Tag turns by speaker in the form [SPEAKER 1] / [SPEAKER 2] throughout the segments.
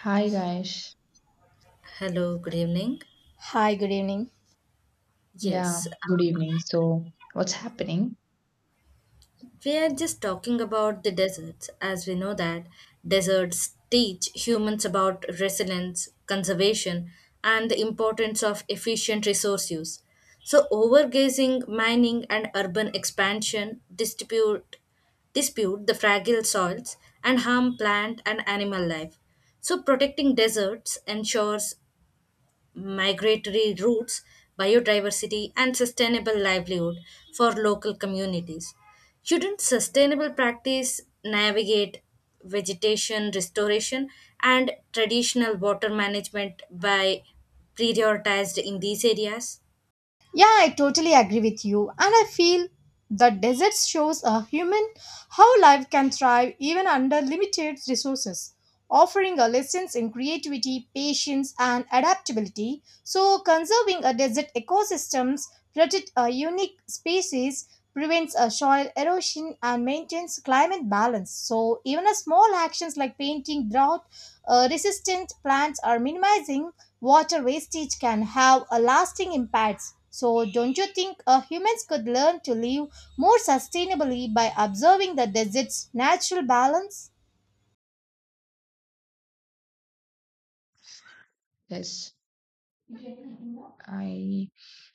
[SPEAKER 1] Hi guys.
[SPEAKER 2] Hello, good evening.
[SPEAKER 3] Hi, good evening.
[SPEAKER 1] Yeah,
[SPEAKER 2] Yes,
[SPEAKER 1] good evening. So, what's happening
[SPEAKER 2] we are just talking about the deserts, as we know that deserts teach humans about resilience, conservation, and the importance of efficient resource use. So, overgazing, mining, and urban expansion distribute dispute the fragile soils and harm plant and animal life. So, protecting deserts ensures migratory routes, biodiversity, and sustainable livelihood for local communities. Shouldn't sustainable practice navigate vegetation restoration and traditional water management by prioritized in these areas?
[SPEAKER 3] Yeah, I totally agree with you, and I feel the desert shows a human how life can thrive even under limited resources, offering a lessons in creativity, patience, and adaptability. So, conserving a desert ecosystems protect a unique species, prevents a soil erosion, and maintains climate balance. So, even a small actions like painting drought resistant plants are minimizing water wastage can have a lasting impact. So, don't you think humans could learn to live more sustainably by observing the desert's natural balance?
[SPEAKER 1] is I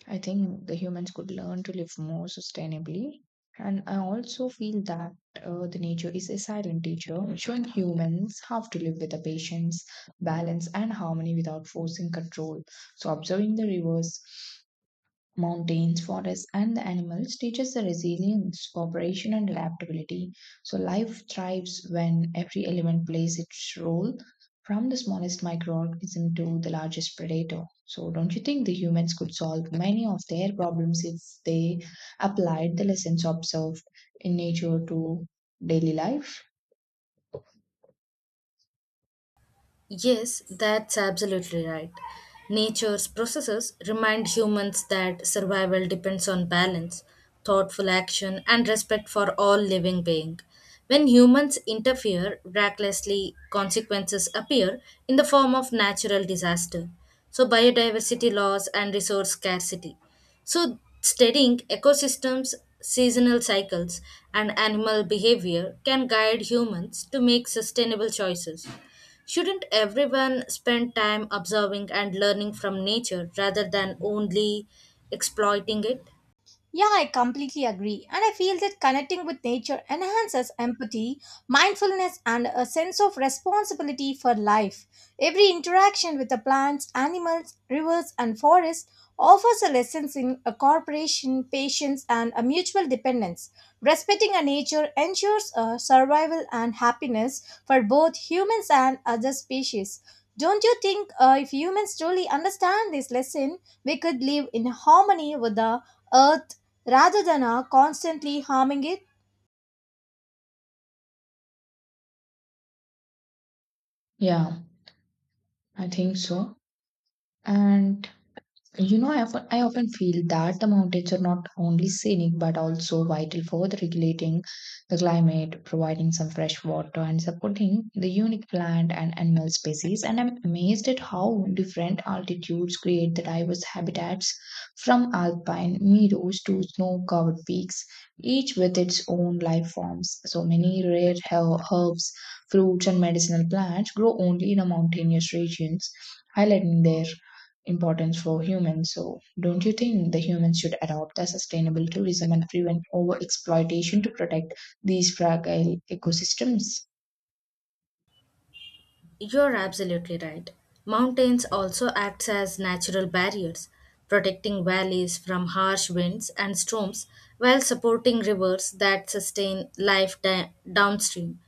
[SPEAKER 1] I think the humans could learn to live more sustainably. And I also feel that the nature is a silent teacher, showing humans how to live with the patience, balance, and harmony without forcing control. So, observing the rivers mountains, forests, and the animals teaches the resilience, cooperation, and adaptability. So life thrives when every element plays its role, from the smallest microorganism to the largest predator. So don't you think the humans could solve many of their problems if they applied the lessons observed in nature to daily life?
[SPEAKER 2] Yes, that's absolutely right. Nature's processes remind humans that survival depends on balance, thoughtful action, and respect for all living being. When humans interfere recklessly, consequences appear in the form of natural disaster, so biodiversity loss and resource scarcity. So, studying ecosystems, seasonal cycles, and animal behavior can guide humans to make sustainable choices. Shouldn't everyone spend time observing and learning from nature rather than only exploiting it?
[SPEAKER 3] Yeah, I completely agree. And I feel that connecting with nature enhances empathy, mindfulness, and a sense of responsibility for life. Every interaction with the plants, animals, rivers, and forests offers a lesson in a cooperation, patience, and a mutual dependence. Respecting a nature ensures a survival and happiness for both humans and other species. Don't you think if humans truly understand this lesson, we could live in harmony with the earth rather than constantly harming it?
[SPEAKER 1] Yeah, I think so. And you know, I often feel that the mountains are not only scenic but also vital for the regulating the climate, providing some fresh water, and supporting the unique plant and animal species. And I'm amazed at how different altitudes create the diverse habitats from alpine meadows to snow covered peaks, each with its own life forms. So many rare herbs, fruits, and medicinal plants grow only in the mountainous regions, highlighting their importance for humans. So, don't you think the humans should adopt a sustainable tourism and prevent over exploitation to protect these fragile ecosystems?
[SPEAKER 2] You're absolutely right. Mountains also act as natural barriers, protecting valleys from harsh winds and storms while supporting rivers that sustain life downstream.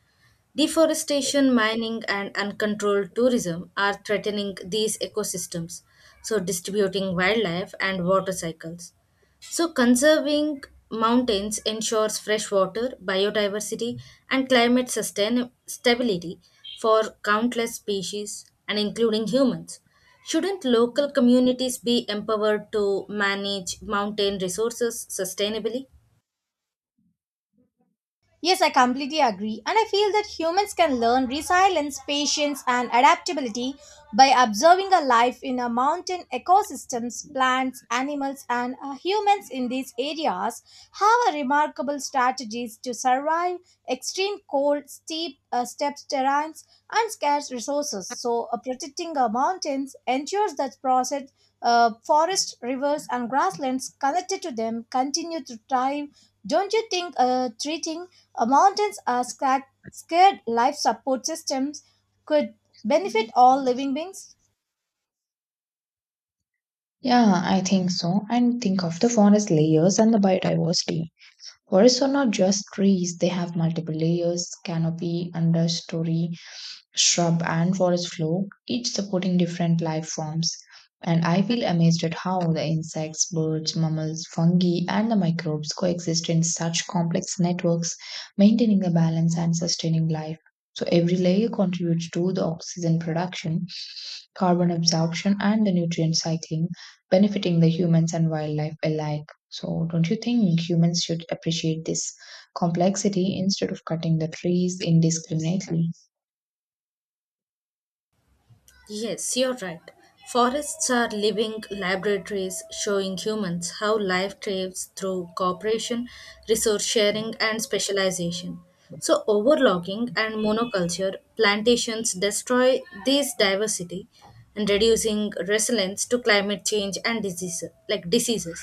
[SPEAKER 2] Deforestation, mining, and uncontrolled tourism are threatening these ecosystems, so distributing wildlife and water cycles. So, conserving mountains ensures fresh water, biodiversity, and climate stability for countless species and including humans. Shouldn't local communities be empowered to manage mountain resources sustainably?
[SPEAKER 3] Yes, I completely agree. And I feel that humans can learn resilience, patience, and adaptability by observing a life in a mountain ecosystems, plants, animals, and humans in these areas have a remarkable strategies to survive extreme cold, steep terrains, and scarce resources. So, protecting our mountains ensures that process. Forests, rivers, and grasslands connected to them continue to thrive don't you think treating mountains as scared life support systems could benefit all living beings?
[SPEAKER 1] Yeah, I think so. And think of the forest layers and the biodiversity. Forests are not just trees, they have multiple layers, canopy, understory, shrub and forest floor, each supporting different life forms. And I feel amazed at how the insects, birds, mammals, fungi, and the microbes coexist in such complex networks, maintaining a balance and sustaining life. So every layer contributes to the oxygen production, carbon absorption, and the nutrient cycling, benefiting the humans and wildlife alike. So don't you think humans should appreciate this complexity instead of cutting the trees indiscriminately?
[SPEAKER 2] Yes, you're right. Forests are living laboratories showing humans how life thrives through cooperation, resource sharing, and specialization. So, overlogging and monoculture plantations destroy this diversity and reducing resilience to climate change and disease, like diseases.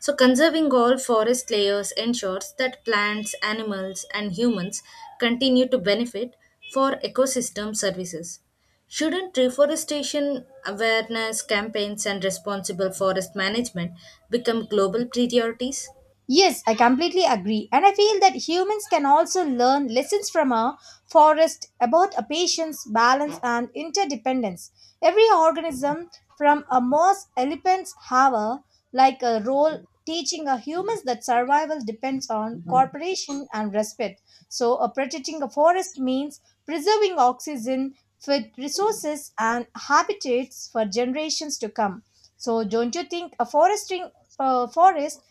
[SPEAKER 2] So, conserving all forest layers ensures that plants, animals, and humans continue to benefit for ecosystem services. Shouldn't reforestation awareness campaigns and responsible forest management become global priorities?
[SPEAKER 3] Yes, I completely agree. And I feel that humans can also learn lessons from a forest about a patience, balance, and interdependence. Every organism, from a moss elephants, have a like a role teaching a humans that survival depends on cooperation and respect. So, a protecting a forest means preserving oxygen, food resources, and habitats for generations to come. So, don't you think a forest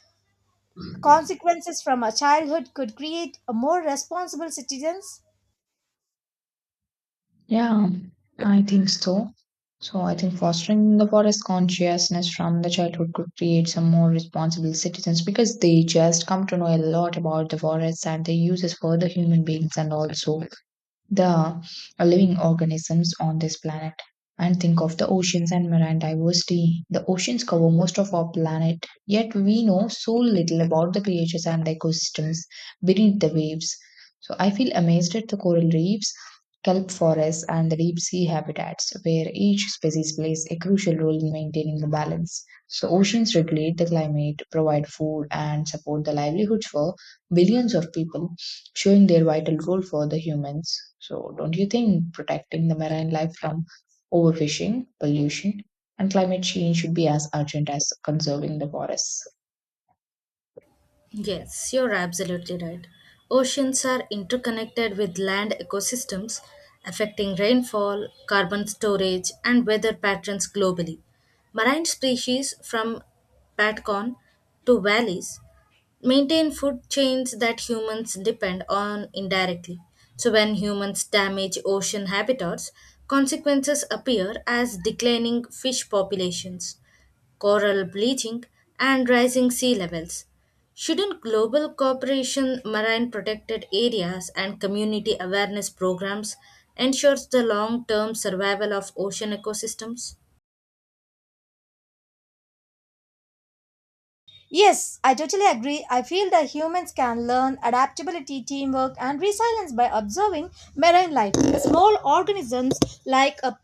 [SPEAKER 3] consequences from our childhood could create a more responsible citizens.
[SPEAKER 1] Yeah, I think so. So I think fostering the forest consciousness from the childhood could create some more responsible citizens because they just come to know a lot about the forests and their uses for the human beings and also the living organisms on this planet. And think of the oceans and marine diversity. The oceans cover most of our planet, yet we know so little about the creatures and the ecosystems beneath the waves. So I feel amazed at the coral reefs, kelp forests, and the deep sea habitats, where each species plays a crucial role in maintaining the balance. So oceans regulate the climate, provide food, and support the livelihoods for billions of people showing their vital role for the humans. So, don't you think protecting the marine life from overfishing, pollution, and climate change should be as urgent as conserving the forests?
[SPEAKER 2] Yes, you're absolutely right. Oceans are interconnected with land ecosystems, affecting rainfall, carbon storage, and weather patterns globally. Marine species from Patcon to valleys maintain food chains that humans depend on indirectly. So, when humans damage ocean habitats, consequences appear as declining fish populations, coral bleaching, and rising sea levels. Shouldn't global cooperation, marine protected areas, and community awareness programs ensure the long term survival of ocean ecosystems?
[SPEAKER 3] Yes, I totally agree. I feel that humans can learn adaptability, teamwork, and resilience by observing marine life. Small organisms like a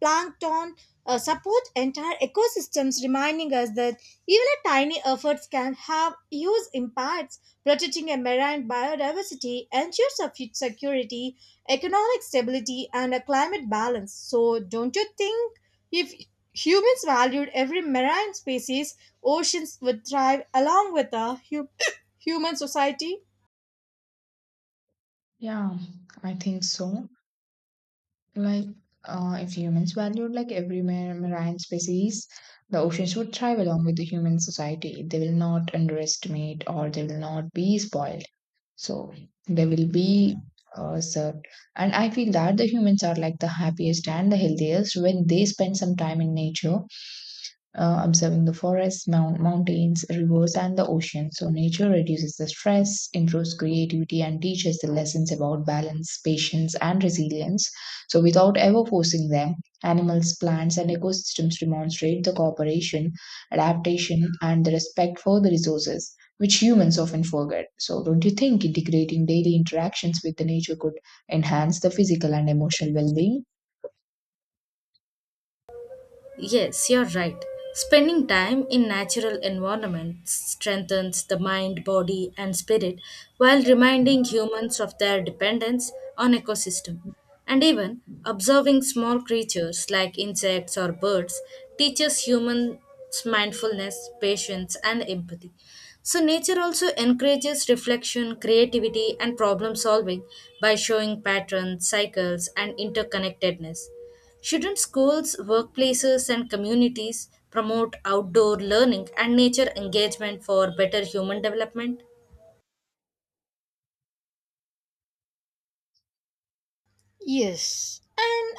[SPEAKER 3] plankton support entire ecosystems, reminding us that even a tiny efforts can have huge impacts. Protecting a marine biodiversity ensures a food security, economic stability, and a climate balance. So, don't you think if humans valued every marine species? Oceans would thrive along with a human society?
[SPEAKER 1] Yeah, I think so. Like, if humans valued like every marine species, the oceans would thrive along with the human society. They will not underestimate or they will not be spoiled. So there will be served. And I feel that the humans are like the happiest and the healthiest when they spend some time in nature, observing the forests, mountains, rivers, and the ocean. So nature reduces the stress, improves creativity, and teaches the lessons about balance, patience, and resilience. So without ever forcing them, animals, plants, and ecosystems demonstrate the cooperation, adaptation, and the respect for the resources which humans often forget. So, don't you think integrating daily interactions with the nature could enhance the physical and emotional well being?
[SPEAKER 2] Yes, you're right. Spending time in natural environments strengthens the mind, body, and spirit while reminding humans of their dependence on ecosystem. And even observing small creatures like insects or birds teaches humans mindfulness, patience, and empathy. So, nature also encourages reflection, creativity, and problem solving by showing patterns, cycles, and interconnectedness. Shouldn't schools, workplaces, and communities promote outdoor learning and nature engagement for better human development?
[SPEAKER 3] Yes.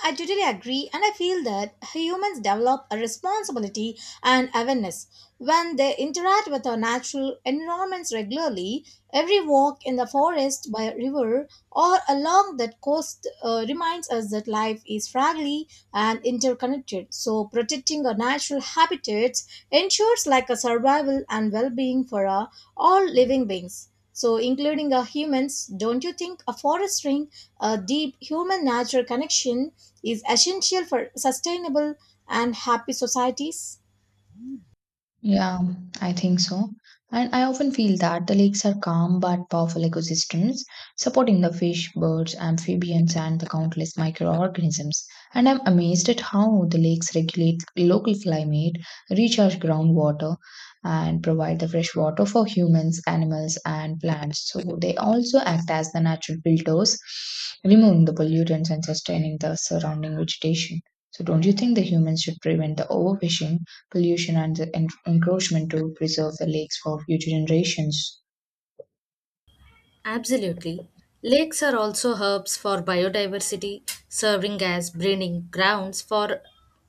[SPEAKER 3] I totally agree, and I feel that humans develop a responsibility and awareness when they interact with our natural environments regularly. Every walk in the forest, by a river, or along that coast reminds us that life is fragile and interconnected. So, protecting our natural habitats ensures like a survival and well-being for all living beings. So, including our humans, don't you think a forest ring a deep human natural connection is essential for sustainable and happy societies.
[SPEAKER 1] Yeah, I think so. And I often feel that the lakes are calm but powerful ecosystems, supporting the fish, birds, amphibians, and the countless microorganisms. And I'm amazed at how the lakes regulate local climate, recharge groundwater, and provide the fresh water for humans, animals, and plants. So they also act as the natural filters, removing the pollutants and sustaining the surrounding vegetation. So don't you think the humans should prevent the overfishing, pollution and the encroachment to preserve the lakes for future generations?
[SPEAKER 2] Absolutely. Lakes are also hubs for biodiversity, serving as breeding grounds for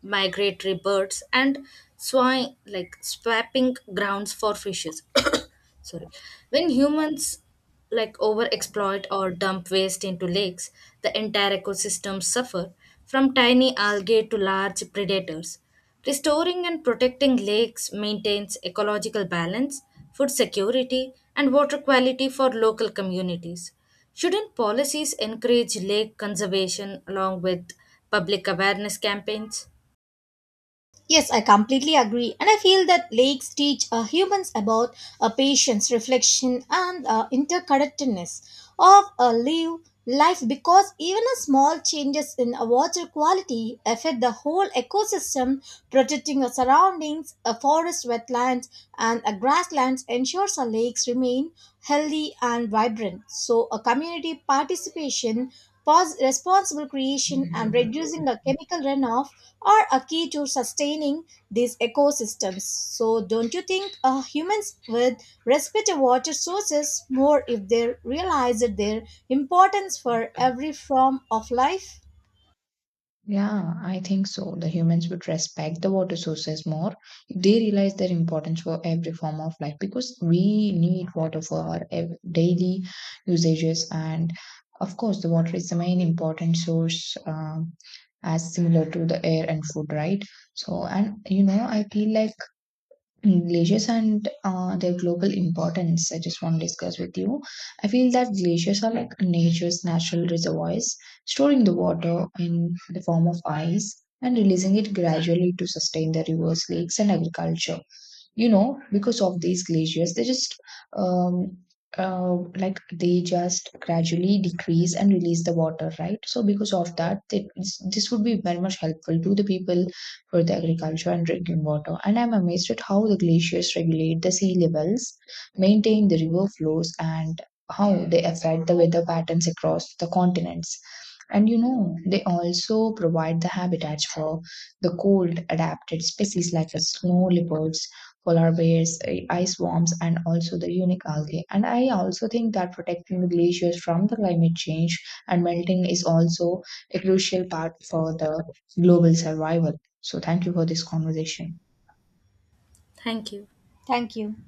[SPEAKER 2] migratory birds and like swapping grounds for fishes. Sorry. When humans like over exploit or dump waste into lakes, the entire ecosystems suffer from tiny algae to large predators. Restoring and protecting lakes maintains ecological balance, food security, and water quality for local communities. Shouldn't policies encourage lake conservation along with public awareness campaigns?
[SPEAKER 3] Yes, I completely agree. And I feel that lakes teach humans about patience, reflection, and interconnectedness of a live life because even a small changes in water quality affect the whole ecosystem, protecting the surroundings, a forest, wetlands, and a grasslands ensures our lakes remain healthy and vibrant. So, a community participation, responsible creation, and reducing the chemical runoff are a key to sustaining these ecosystems. So, don't you think humans would respect water sources more if they realized their importance for every form of life?
[SPEAKER 1] Yeah, I think so. The humans would respect the water sources more if they realize their importance for every form of life because we need water for our daily usages. And of course, the water is the main important source, as similar to the air and food, right? So, and you know, I feel like glaciers and their global importance I just want to discuss with you. I feel that glaciers are like nature's natural reservoirs, storing the water in the form of ice and releasing it gradually to sustain the rivers, lakes, and agriculture. You know, because of these glaciers, they just um like they just gradually decrease and release the water, right? So because of that, they, this would be very much helpful to the people for the agriculture and drinking water. And I'm amazed at how the glaciers regulate the sea levels, maintain the river flows, and how they affect the weather patterns across the continents. And you know, they also provide the habitats for the cold adapted species like the snow leopards, polar bears, ice worms, and also the unique algae. And I also think that protecting the glaciers from the climate change and melting is also a crucial part for the global survival. So, thank you for this conversation.
[SPEAKER 2] Thank you.
[SPEAKER 3] Thank you.